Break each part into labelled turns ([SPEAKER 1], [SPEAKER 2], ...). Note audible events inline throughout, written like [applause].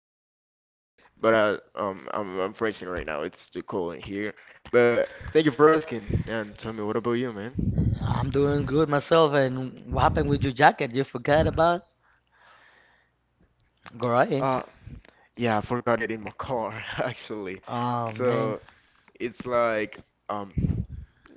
[SPEAKER 1] doing really good, but I'm freezing right now. It's too cold in here. But thank you for asking. And tell me, what about you, man? Uh, yeah, I forgot it in my car [laughs] actually. So it's like um,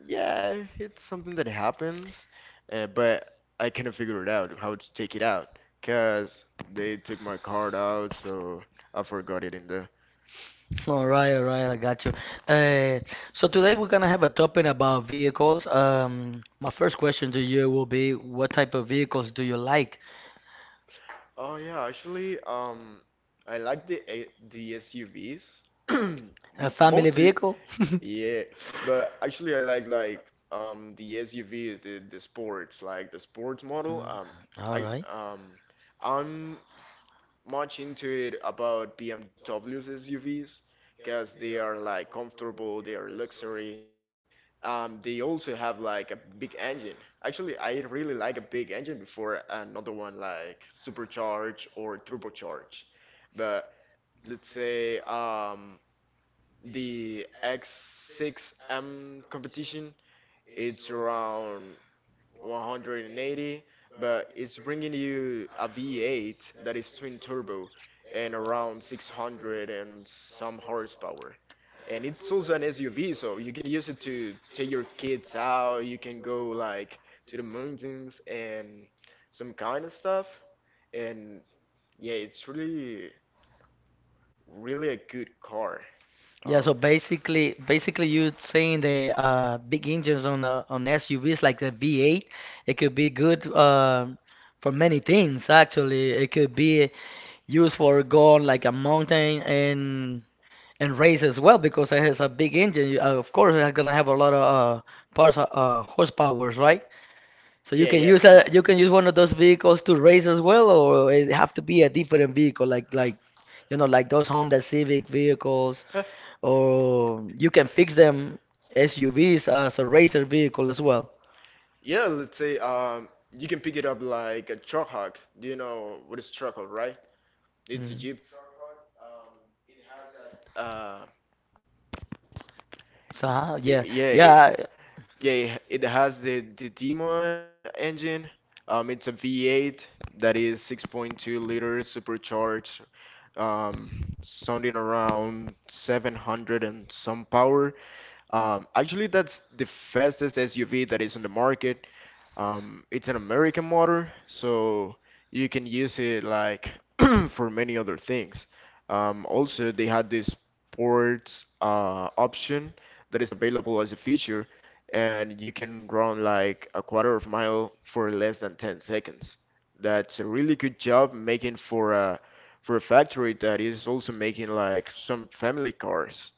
[SPEAKER 1] yeah, it's something that happens, but I can't figure it out how to take it out, cause they took my card out, so I forgot it in the. Oh yeah, actually, I like the SUVs. [clears throat] M- Mostly, [laughs] yeah, but actually I like the SUV, the sports, like the sports model. I um, I'm much into it about BMW's SUVs because they are like comfortable, they are luxury. They also have like a big engine. Actually, I really like a big engine before another one like supercharge or turbocharge. But let's say the X6M competition, it's around 180, but it's bringing you a V8 that is twin turbo and around 600 and some horsepower. And it's also an SUV, so you can use it to take your kids out. You can go like to the mountains and some kind of stuff. And yeah, it's really, really a good car. Um, Yeah, yeah. Huh. Yeah, let's say you can pick it up like a truck hog. Do you know what is truck hog, right? It's a Jeep truck hog. It has a y- yeah, it, yeah. yeah, it has the Demon engine. It's a V8 that is 6.2 liters supercharged. Sounding around 700 and some power. Actually, that's the fastest SUV that is on the market. It's an American motor, so you can use it like [clears throat] for many other things. Also, they had this sports option that is available as a feature, and you can run like a quarter of mile for less than 10 seconds. That's a really good job making for a factory that is also making like some family cars.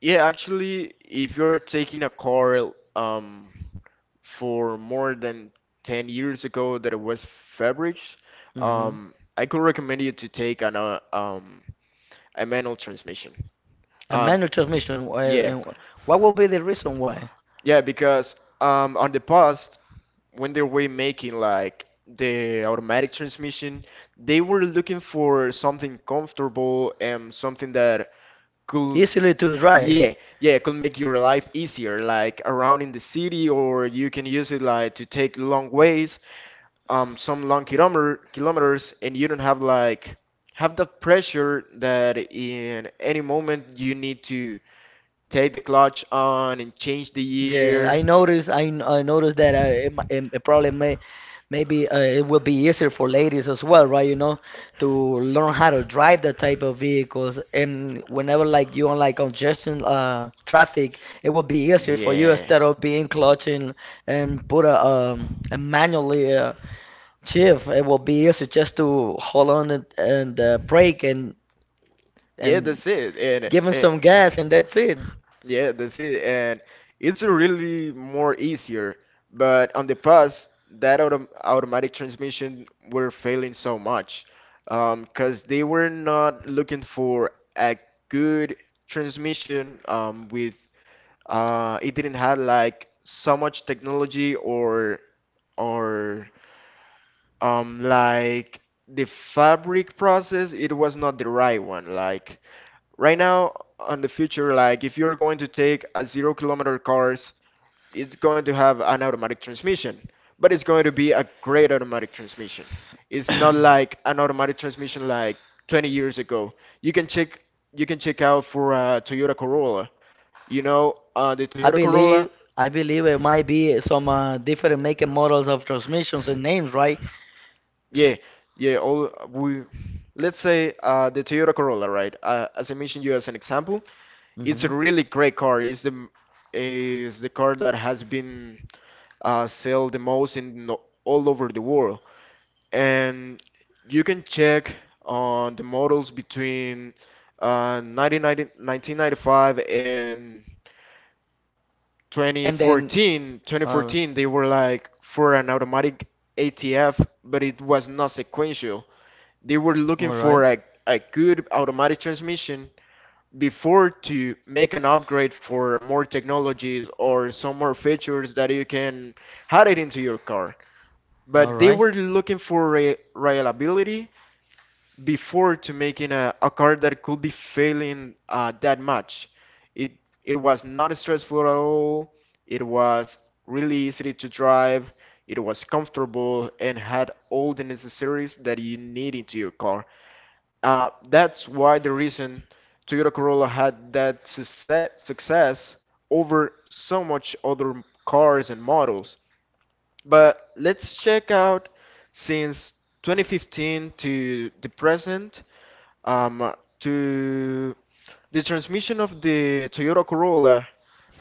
[SPEAKER 1] Yeah, actually, if you're taking a car um, for more than 10 years ago that it was Fabric, I could recommend you to take a manual transmission. Um, yeah, yeah, because on the past, when they were making like the automatic transmission, they were looking for something comfortable and something that could yeah yeah could make your life easier like around in the city or you can use it like to take long ways some long kilometers and you don't have like have the pressure that in any moment you need to take the clutch on and change the gear, yeah. Yeah, that's it. And yeah, that's it. And it's really more easier. But on the past, that automatic transmission were failing so much, because they were not looking for a good transmission. With it didn't have like so much technology or or like the fabric process. It was not the right one. Like right now, on the future, like if you're going to take a 0 km cars, it's going to have an automatic transmission, but it's going to be a great automatic transmission. It's not like an automatic transmission like 20 years ago. You can check you can check out for Toyota Corolla. You know, the Toyota Corolla, yeah, yeah. All we let's say the Toyota Corolla, right? As I mentioned you as an example, it's a really great car. It's the Is the car that has been sell the most in no, all over the world. And you can check on the models between uh, 1995 and 2014. 2014, they were like for an automatic ATF, but it was not sequential. They were looking for a good automatic transmission before to make an upgrade for more technologies or some more features that you can add it into your car. But they were looking for re reliability before to making a car that could be failing that much. It it was not stressful at all. It was really easy to drive. It was comfortable and had all the necessaries that you need into your car. That's why the reason Toyota Corolla had that success over so much other cars and models. But let's check out since 2015 to the present, um, to the transmission of the Toyota Corolla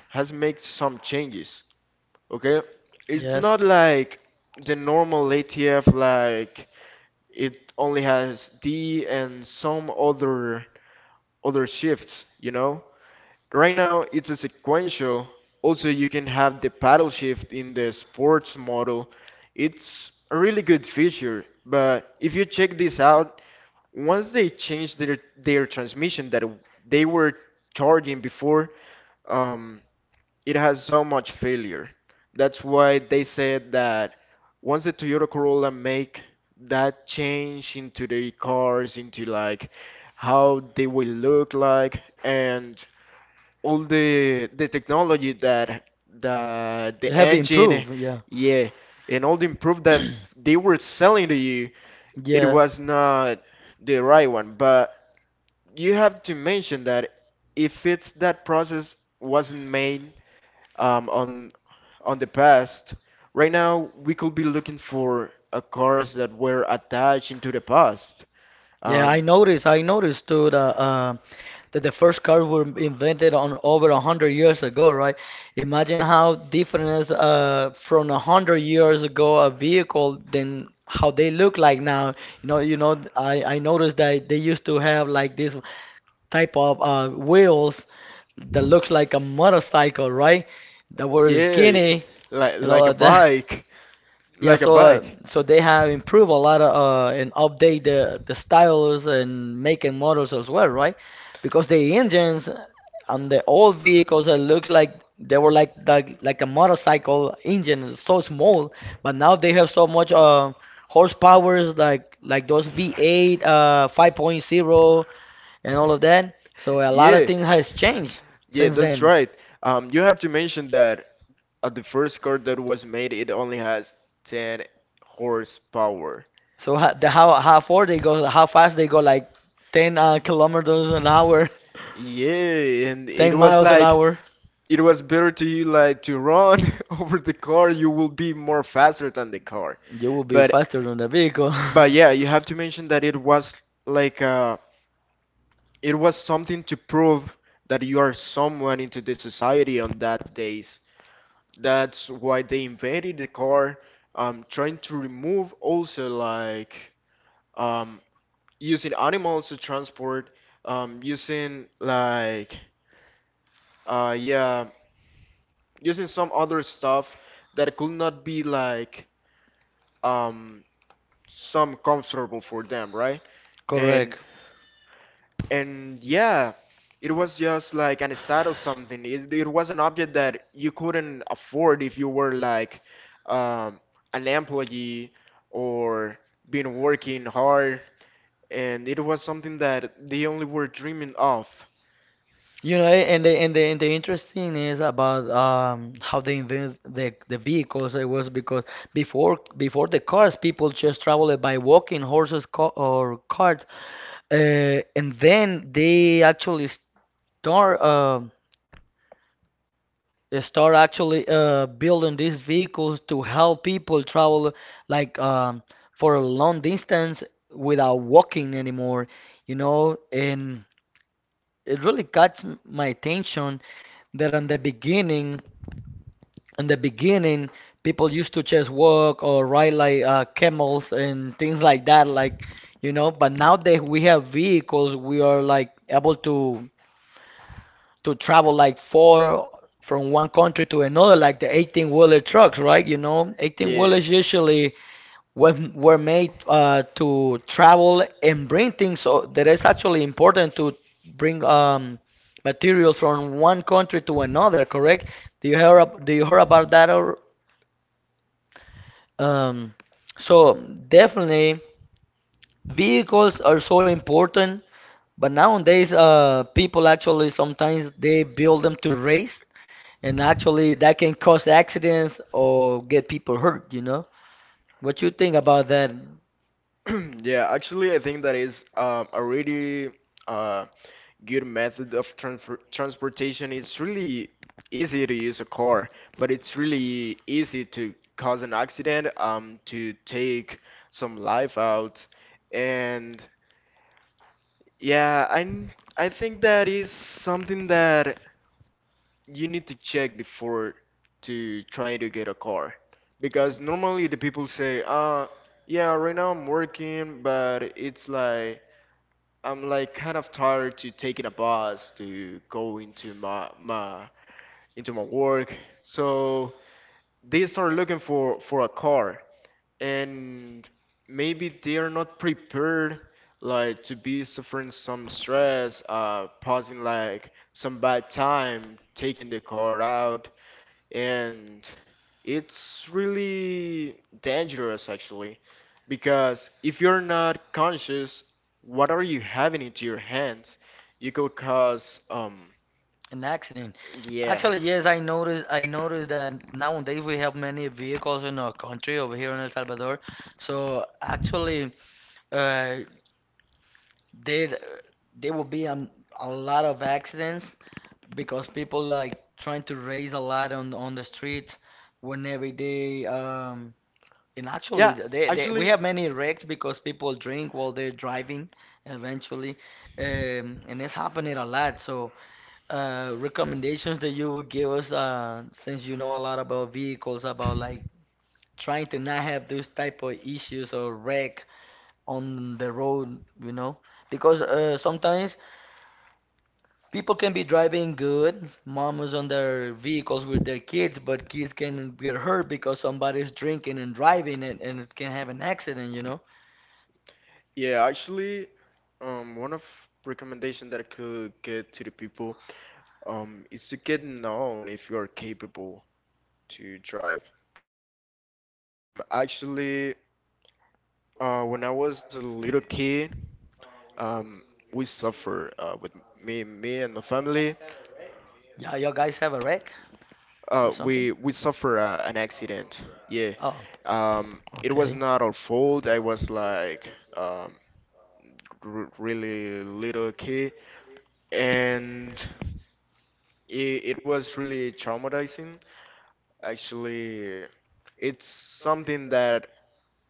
[SPEAKER 1] has made some changes. Okay, it's not like the normal ATF, like it only has D and some other shifts, you know. Right now, it's a sequential. Also, you can have the paddle shift in the sports model. It's a really good feature, but if you check this out, once they changed their transmission that they were charging before, um, it has so much failure. That's why they said that once the Toyota Corolla make that change into the cars, into like how they will look like and all the technology that the engine, yeah, and all the improve that they were selling to you, it was not the right one. But you have to mention that if it's that process wasn't made on the past, right now we could be looking for cars that were attached into the past. Um, yeah, like a bike. Like a bike. Yeah. Yeah, that's right. You have to mention that the first car that was made, it only has 10 horsepower. Yeah, and it was like it was better to you like to run [laughs] over the car. You will be more faster than the car. But but yeah, you have to mention that it was like it was something to prove that you are someone into the society on that day. That's why they invented the car, trying to remove also like um, using animals to transport, using like yeah, using some other stuff that could not be like um, some comfortable for them, right? And And yeah, it was just like an stat or something. It was an object that you couldn't afford if you were like um, an employee or been working hard. And it was something that they only were dreaming of. Yeah. [clears throat] Yeah, actually, I think that is a really uh, good method of transfer transportation. It's really easy to use a car, but it's really easy to cause an accident, to take some life out. And yeah, I think that is something that you need to check before to try to get a car. Because normally the people say, yeah, right now I'm working, but it's like I'm like kind of tired to taking a bus to go into my my into my work. So they start looking for a car and maybe they are not prepared like to be suffering some stress, passing like some bad time, taking the car out, and it's really dangerous actually, because if you're not conscious what are you having into your hands, you could cause yeah yeah actually yeah, actually, one of recommendation that I could get to the people, is to get known if you are capable to drive, you know. Actually, when I was a little kid, um, we suffer with me, me and the family. We suffer an accident. Yeah. It was not our fault. I was like um, r really little kid, and it was really traumatizing. Actually, it's something that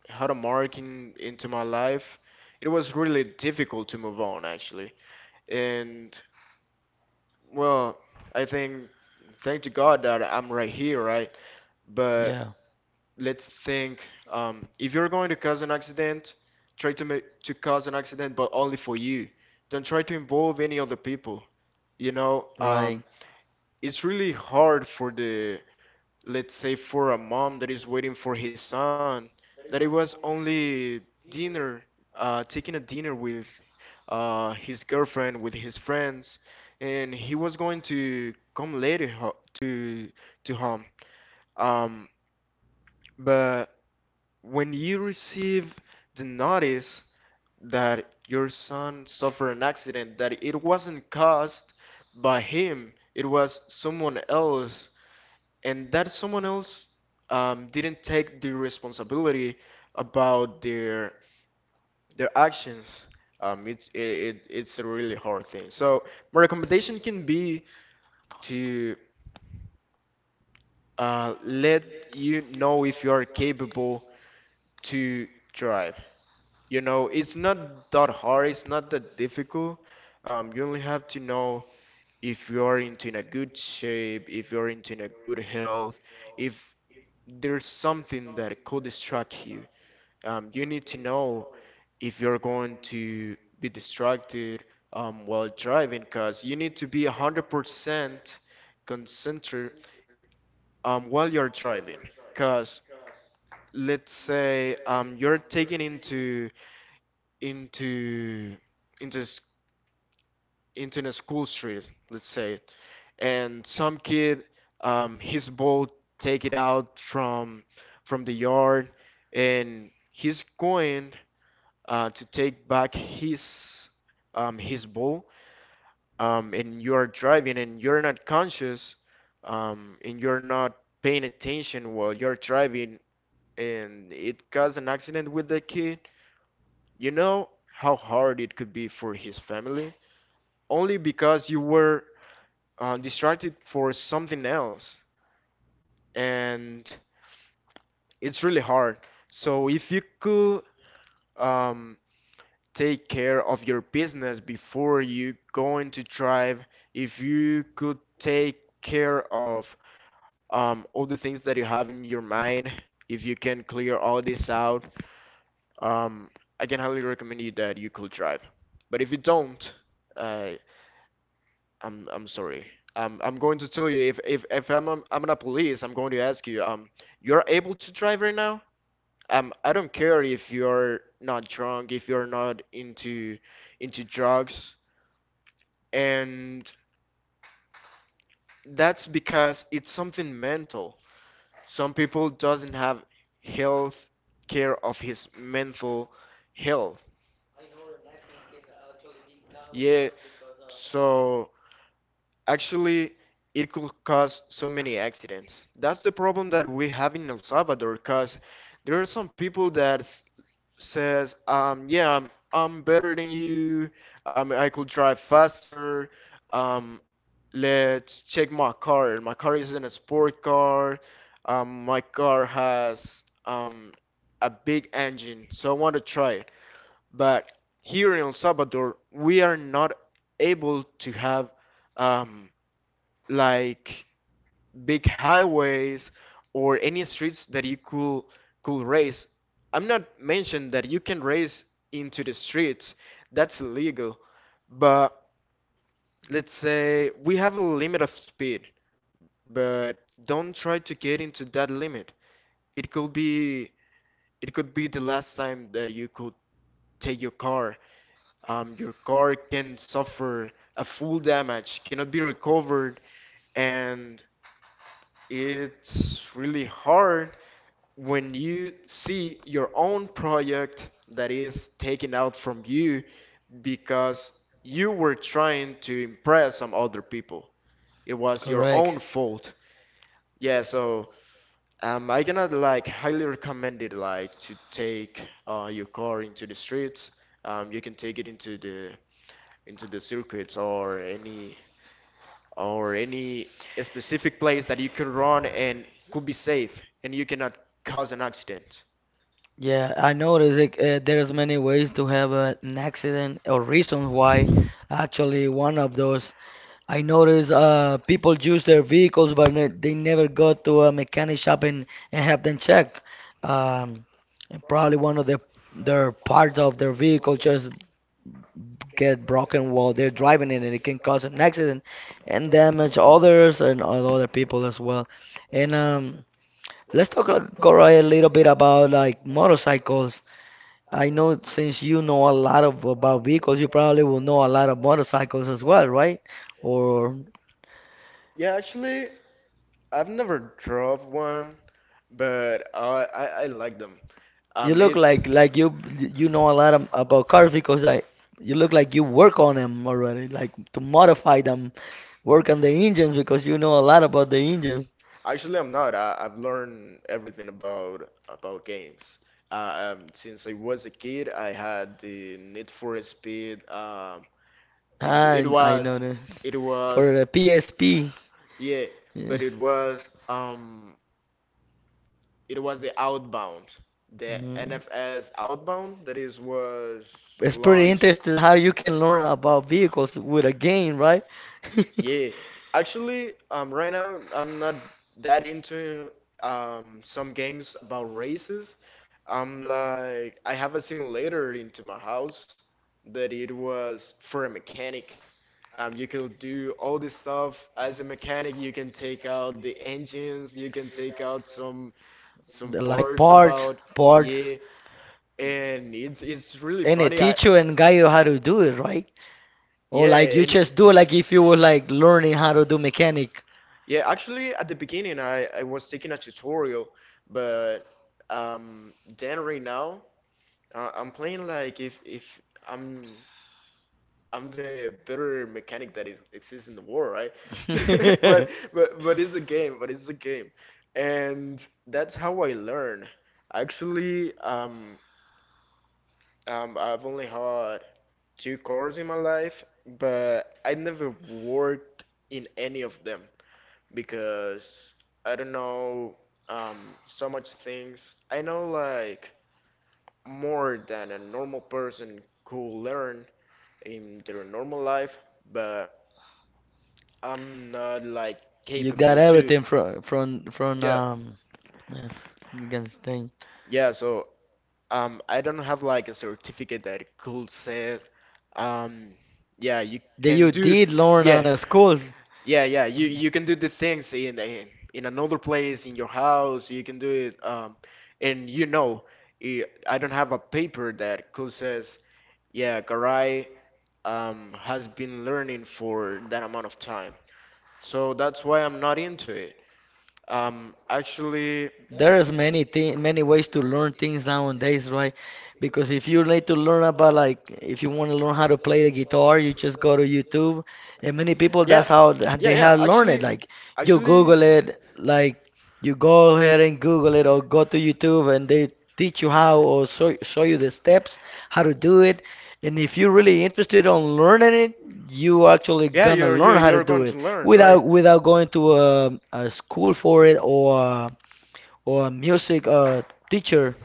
[SPEAKER 1] had a mark in, into my life. It was really difficult to move on actually. And well, I think thank to God that I'm right here, right? But let's think if you're going to cause an accident, try to make to cause an accident, but only for you. Don't try to involve any other people. You know, it's really hard for the, let's say for a mom that is waiting for his son, that it was only dinner, taking a dinner with his girlfriend, with his friends, and he was going to come later ho to home. Um, but when you receive the notice that your son suffered an accident, that it wasn't caused by him, it was someone else, and that someone else didn't take the responsibility about their, actions, um, it, it, it's a really hard thing. So my recommendation can be to let you know if you are capable to drive. You know, it's not that hard. It's not that difficult. You only have to know if you are into in a good shape, if you're into in a good health, if there's something that could distract you. You need to know if you're going to be distracted while driving, because you need to be 100% concentrated while you're driving. Because let's say you're taken into into s- into a school street, let's say, and some kid, his ball take it out from the yard, and he's going to take back his ball, and you are driving and you're not conscious, and you're not paying attention while you're driving, and it caused an accident with the kid. You know how hard it could be for his family, only because you were distracted for something else, and it's really hard. So if you could um, take care of your business before you going to drive, if you could take care of all the things that you have in your mind, if you can clear all this out, um, I can highly recommend you that you could drive. But if you don't, uh, I'm sorry. I'm going to tell you, if I'm a police, I'm going to ask you, you're able to drive right now? I don't care if you're not drunk, if you're not into drugs, and that's because it's something mental. Some people doesn't have health care of his mental health. Yeah, so actually, it could cause so many accidents. That's the problem that we have in El Salvador, cause there are some people that says, yeah, I'm better than you. I could drive faster. Um, let's check my car. My car isn't a sport car. My car has a big engine, so I want to try it. But here in El Salvador, we are not able to have um like big highways or any streets that you could race. I'm not mentioning that you can race into the streets. That's illegal. But let's say we have a limit of speed, but don't try to get into that limit. It could be it could be the last time that you could take your car. Your car can suffer a full damage, cannot be recovered, and it's really hard when you see your own project that is taken out from you because you were trying to impress some other people. It was your
[SPEAKER 2] Correct.
[SPEAKER 1] own fault. Yeah, so I cannot like highly recommend it like to take your car into the streets. You can take it into the circuits or any specific place that you can run and could be safe and you cannot cause an accident.
[SPEAKER 2] Yeah, I noticed like there's many ways to have an accident or reasons why. Actually, one of those I noticed people use their vehicles, but they never go to a mechanic shop and, have them checked. Um, and probably one of the their parts of their vehicle just get broken while they're driving it, and it can cause an accident and damage others and other people as well. And Let's talk, Goray, a little bit about like motorcycles. I know since you know a lot of about vehicles, you probably will know a lot of motorcycles as well, right? Or
[SPEAKER 1] Yeah, actually, I've never drove one, but I like them.
[SPEAKER 2] you look
[SPEAKER 1] It's
[SPEAKER 2] like you know a lot of, about cars because I you look like you work on them already, like to modify them, work on the engines because you know a lot about the engines.
[SPEAKER 1] actually I'm not. I've learned everything about games. Since I was a kid, I had the Need for Speed. It it
[SPEAKER 2] And I know
[SPEAKER 1] was
[SPEAKER 2] this
[SPEAKER 1] it
[SPEAKER 2] for
[SPEAKER 1] was
[SPEAKER 2] the PSP.
[SPEAKER 1] yeah,
[SPEAKER 2] Yeah.
[SPEAKER 1] but it was the Outbound, the
[SPEAKER 2] Mm.
[SPEAKER 1] NFS Outbound that is was
[SPEAKER 2] It's pretty
[SPEAKER 1] launched.
[SPEAKER 2] interesting how you can learn about vehicles with a game, right? [laughs]
[SPEAKER 1] Yeah, actually, right now I'm not that into some games about races. I'm like I have a simulator into my house that it was for a mechanic. You could do all this stuff as a mechanic. You can take out the engines. You can take out some
[SPEAKER 2] The, like
[SPEAKER 1] parts
[SPEAKER 2] parts,
[SPEAKER 1] about,
[SPEAKER 2] parts,
[SPEAKER 1] yeah, and it's really
[SPEAKER 2] and it
[SPEAKER 1] funny. I
[SPEAKER 2] teach you and guide you how to do it, right? Or
[SPEAKER 1] yeah,
[SPEAKER 2] like you
[SPEAKER 1] and
[SPEAKER 2] just do it like if you were like learning how to do mechanic.
[SPEAKER 1] yeah, actually, at the beginning, I was taking a tutorial, but um, then right now, I'm playing like if I'm I'm the better mechanic that is, exists in the world, right? [laughs] But
[SPEAKER 2] [laughs]
[SPEAKER 1] but but it's a game, but it's a game, and that's how I learn. Actually, I've only had two cars in my life, but I never worked in any of them, because I don't know so much things. I know like more than a normal person could learn in their normal life, but I'm not like
[SPEAKER 2] You got
[SPEAKER 1] capable to.
[SPEAKER 2] everything from from from
[SPEAKER 1] Yeah,
[SPEAKER 2] um yeah, you can say
[SPEAKER 1] yeah. So I don't have like a certificate that could say, um, yeah, you
[SPEAKER 2] that
[SPEAKER 1] can
[SPEAKER 2] you
[SPEAKER 1] do,
[SPEAKER 2] did learn
[SPEAKER 1] yeah,
[SPEAKER 2] on a school.
[SPEAKER 1] yeah, yeah, you can do the things in another place in your house. You can do it, and you know, I don't have a paper that could says, yeah, Garay, has been learning for that amount of time. So that's why I'm not into it. Actually.
[SPEAKER 2] There's many ways to learn things nowadays, right? Because if you need to learn about like if you want to learn how to play the guitar, you just go to YouTube, and many people
[SPEAKER 1] Yeah,
[SPEAKER 2] that's how
[SPEAKER 1] yeah,
[SPEAKER 2] they
[SPEAKER 1] yeah.
[SPEAKER 2] have learned it. Like you
[SPEAKER 1] Actually,
[SPEAKER 2] Google it, like you go ahead and Google it or go to YouTube and they teach you how or show you the steps how to do it. And if you're really interested on learning it, you actually
[SPEAKER 1] yeah.
[SPEAKER 2] gonna
[SPEAKER 1] You're you
[SPEAKER 2] learn how to
[SPEAKER 1] you're
[SPEAKER 2] do
[SPEAKER 1] going
[SPEAKER 2] it
[SPEAKER 1] to learn, right?
[SPEAKER 2] without going to a school for it or or a music teacher.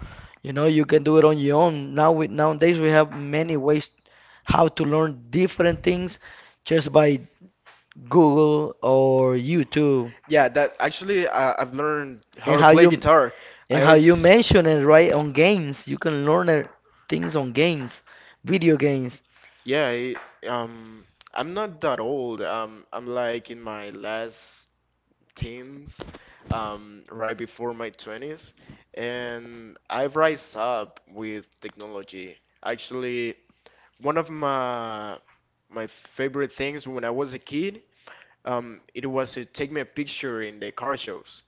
[SPEAKER 2] You know, you can do it on your own. Nowadays we have many ways how to learn different things just by Google or YouTube.
[SPEAKER 1] Yeah, that actually I've learned how
[SPEAKER 2] And
[SPEAKER 1] to play guitar. I
[SPEAKER 2] how
[SPEAKER 1] always
[SPEAKER 2] you mention it right on games, you can learn it, things on games, video games,
[SPEAKER 1] yeah. Um, I'm not that old. I'm like in my last teens, right before my twenties, and I've rise up with technology. Actually, one of my favorite things when I was a kid, it was to take me a picture in the car shows.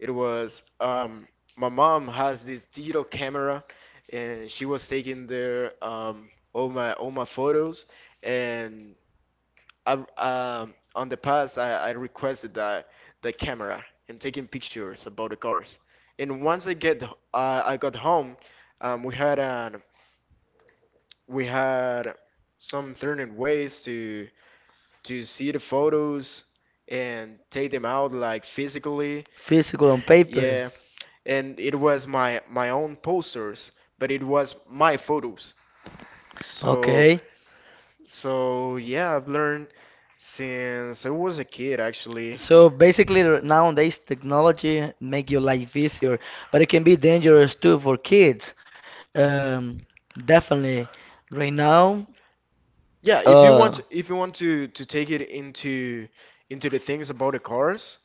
[SPEAKER 1] It was my mom has this digital camera, and she was taking there all my photos. And I on the past I requested that the camera and taking pictures about the cars. And once I get I got home, um, we had an we had some alternative ways to see the photos and take them out like physically.
[SPEAKER 2] physical on
[SPEAKER 1] Yeah,
[SPEAKER 2] papers.
[SPEAKER 1] and it was my own posters, but it was my photos. So
[SPEAKER 2] Okay.
[SPEAKER 1] yeah, I've learned since I was a kid actually.
[SPEAKER 2] So basically, nowadays technology make your life easier, but it can be dangerous too for kids. Um, definitely, right now.
[SPEAKER 1] Yeah, if you
[SPEAKER 2] Uh,
[SPEAKER 1] want, if you want to take it into the things about the cars,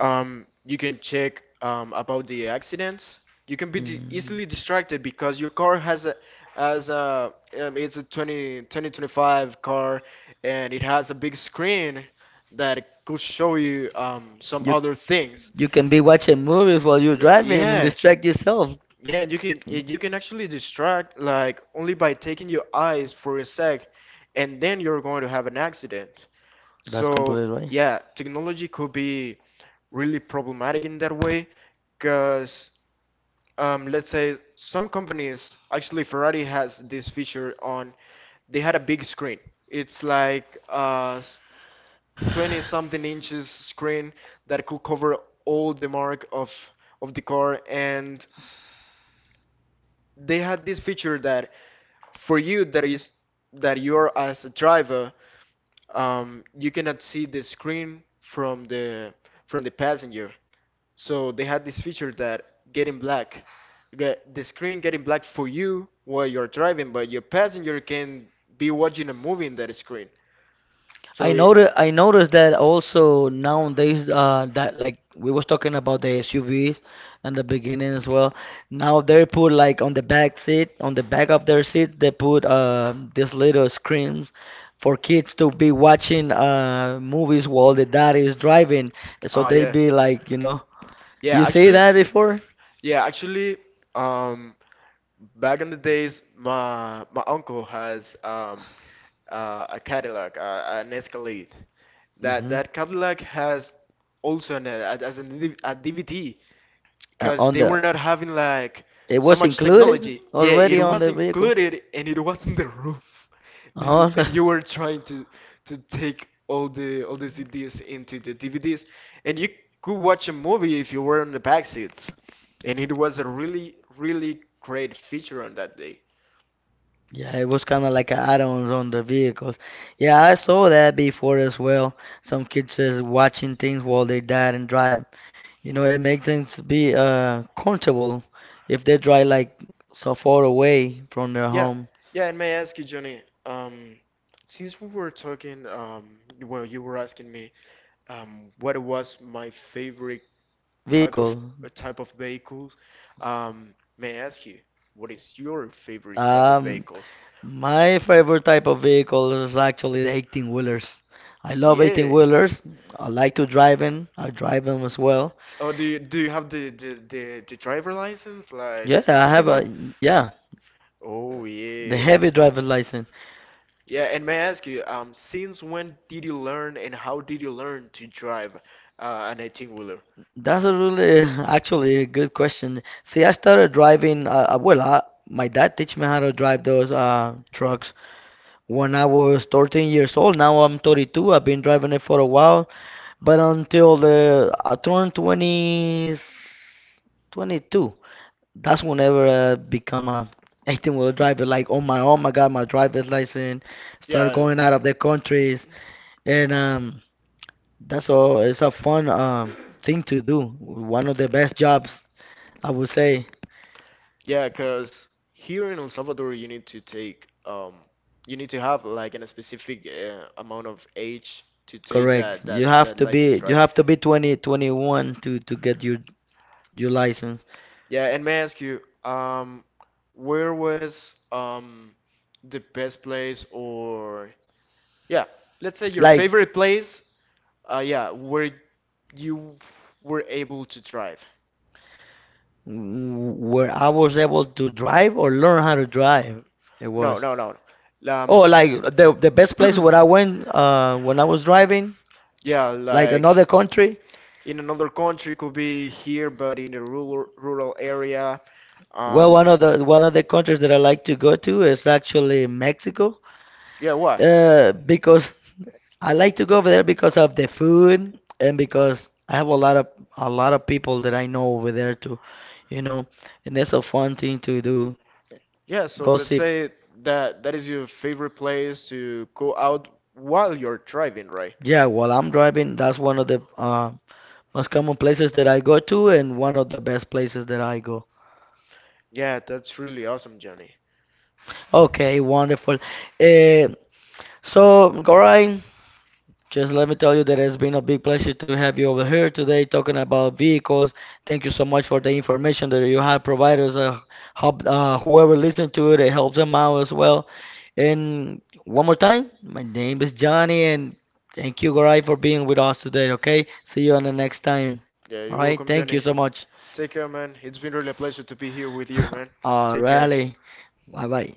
[SPEAKER 1] You can check about the accidents. You can be di
[SPEAKER 2] mm,
[SPEAKER 1] easily distracted because your car has a as a it's a 202025 car and it has a big screen that could show you some
[SPEAKER 2] you
[SPEAKER 1] other things.
[SPEAKER 2] you can be
[SPEAKER 1] Y-
[SPEAKER 2] watching movies while you're driving and
[SPEAKER 1] Yeah,
[SPEAKER 2] distract yourself.
[SPEAKER 1] yeah, and you can you can actually distract like only by taking your eyes for a sec, and then you're going to have an accident.
[SPEAKER 2] That's
[SPEAKER 1] So
[SPEAKER 2] completely
[SPEAKER 1] yeah, technology could be really problematic in that way because let's say some companies actually Ferrari has this feature on they had a big screen it's like a
[SPEAKER 2] right.
[SPEAKER 1] 20
[SPEAKER 2] [sighs]
[SPEAKER 1] something inches screen that could cover all the mark of the car and they had this feature that for you that is that you're as a driver, you cannot see the screen from the passenger. So they had this feature that getting black, get the screen getting black for you while you're driving, but your passenger can be watching a movie in that screen. So it,
[SPEAKER 2] I noticed that also nowadays that like we was talking about the SUVs in the beginning as well. Now they put like on the back seat, on the back of their seat, they put these little screens for kids to be watching movies while the dad is driving. So
[SPEAKER 1] ah,
[SPEAKER 2] they
[SPEAKER 1] yeah.
[SPEAKER 2] be like, you know,
[SPEAKER 1] Yeah,
[SPEAKER 2] you see
[SPEAKER 1] actually,
[SPEAKER 2] that before?
[SPEAKER 1] yeah, actually, um, back in the days, my uncle has a Cadillac, an Escalade. That
[SPEAKER 2] hmm
[SPEAKER 1] that Cadillac has also an, as an a DVD, because
[SPEAKER 2] On
[SPEAKER 1] they
[SPEAKER 2] the
[SPEAKER 1] were not having like
[SPEAKER 2] it
[SPEAKER 1] so
[SPEAKER 2] was
[SPEAKER 1] much
[SPEAKER 2] included
[SPEAKER 1] technology. Yeah, it
[SPEAKER 2] already on
[SPEAKER 1] was
[SPEAKER 2] the vehicle.
[SPEAKER 1] included and it was in the roof, [laughs]
[SPEAKER 2] Oh,
[SPEAKER 1] and
[SPEAKER 2] [laughs]
[SPEAKER 1] you were trying to take all the CDs into the DVDs, and you could watch a movie if you were on the back seat, and it was a really great feature on that day.
[SPEAKER 2] yeah, it was kind of like a add-ons on the vehicles. Yeah, I saw that before as well. Some kids just watching things while they dad and drive. You know, it makes them be comfortable if they drive like so far away from their
[SPEAKER 1] Yeah,
[SPEAKER 2] home
[SPEAKER 1] yeah, and may I ask you, Johnny, since we were talking, well, you were asking me, what was my favorite type of
[SPEAKER 2] vehicle.
[SPEAKER 1] type of vehicles. May I ask you, what is your favorite type of
[SPEAKER 2] Um,
[SPEAKER 1] vehicles?
[SPEAKER 2] My favorite type of vehicle is actually the 18 wheelers. I love 18
[SPEAKER 1] Yeah.
[SPEAKER 2] wheelers. I like to drive in. I drive them as well.
[SPEAKER 1] Oh, do you have the driver license, like the
[SPEAKER 2] Yeah, I
[SPEAKER 1] specific
[SPEAKER 2] have
[SPEAKER 1] one?
[SPEAKER 2] a yeah,
[SPEAKER 1] Oh
[SPEAKER 2] the yeah.
[SPEAKER 1] yeah.
[SPEAKER 2] Heavy driver license.
[SPEAKER 1] Yeah, and may I ask you, since when did you learn and how did you learn to drive an 18-wheeler?
[SPEAKER 2] That's a really [laughs] actually a good question. See, I started driving. My dad teach me how to drive those trucks when I was 13 years old. Now I'm 32. I've been driving it for a while, but until the I turned 20, 22, that's whenever I become a 18-wheel driver. Like on my own, I got my driver's license. Started
[SPEAKER 1] Yeah.
[SPEAKER 2] going out of the country. And That's all. It's a fun thing to do. One of the best jobs, I would say.
[SPEAKER 1] Yeah, because here in El Salvador, you need to take, you need to have like a specific amount of age to take
[SPEAKER 2] Correct.
[SPEAKER 1] that that that license,
[SPEAKER 2] You
[SPEAKER 1] right?
[SPEAKER 2] have to be 2021 to get your license.
[SPEAKER 1] Yeah, and may I ask you, where was the best place or yeah, let's say your
[SPEAKER 2] Like
[SPEAKER 1] favorite place, yeah, where you were able to drive?
[SPEAKER 2] where I was able to drive or learn how to drive. It
[SPEAKER 1] No,
[SPEAKER 2] was
[SPEAKER 1] no, no, no.
[SPEAKER 2] oh like the best place where I went when I was driving
[SPEAKER 1] Yeah,
[SPEAKER 2] like another
[SPEAKER 1] like
[SPEAKER 2] country.
[SPEAKER 1] in another country, could be here, but in the rural area.
[SPEAKER 2] Well,
[SPEAKER 1] Um,
[SPEAKER 2] one of the countries that I like to go to is actually Mexico,
[SPEAKER 1] yeah, why?
[SPEAKER 2] because I like to go over there because of the food and because I have a lot of people that I know over there too, you know, and that's a fun thing to do.
[SPEAKER 1] Yeah, so
[SPEAKER 2] Go
[SPEAKER 1] let's
[SPEAKER 2] see.
[SPEAKER 1] say that is your favorite place to go out while you're driving, right?
[SPEAKER 2] Yeah, while I'm driving, that's one of the most common places that I go to and one of the best places that I go.
[SPEAKER 1] Yeah, that's really awesome, Johnny.
[SPEAKER 2] Okay, wonderful. Uh, Gorai, just let me tell you that it's been a big pleasure to have you over here today talking about vehicles. Thank you so much for the information that you have provided us. Hope, whoever listens to it, it helps them out as well. And one more time, my name is Johnny, and thank you, Gorai, for being with us today. Okay, see you on the next time.
[SPEAKER 1] Yeah,
[SPEAKER 2] All
[SPEAKER 1] you're
[SPEAKER 2] right,
[SPEAKER 1] welcome,
[SPEAKER 2] thank you
[SPEAKER 1] Johnny.
[SPEAKER 2] so much.
[SPEAKER 1] Take care, man. It's been really a pleasure to be here with you, man.
[SPEAKER 2] All
[SPEAKER 1] Take care.
[SPEAKER 2] righty, bye bye.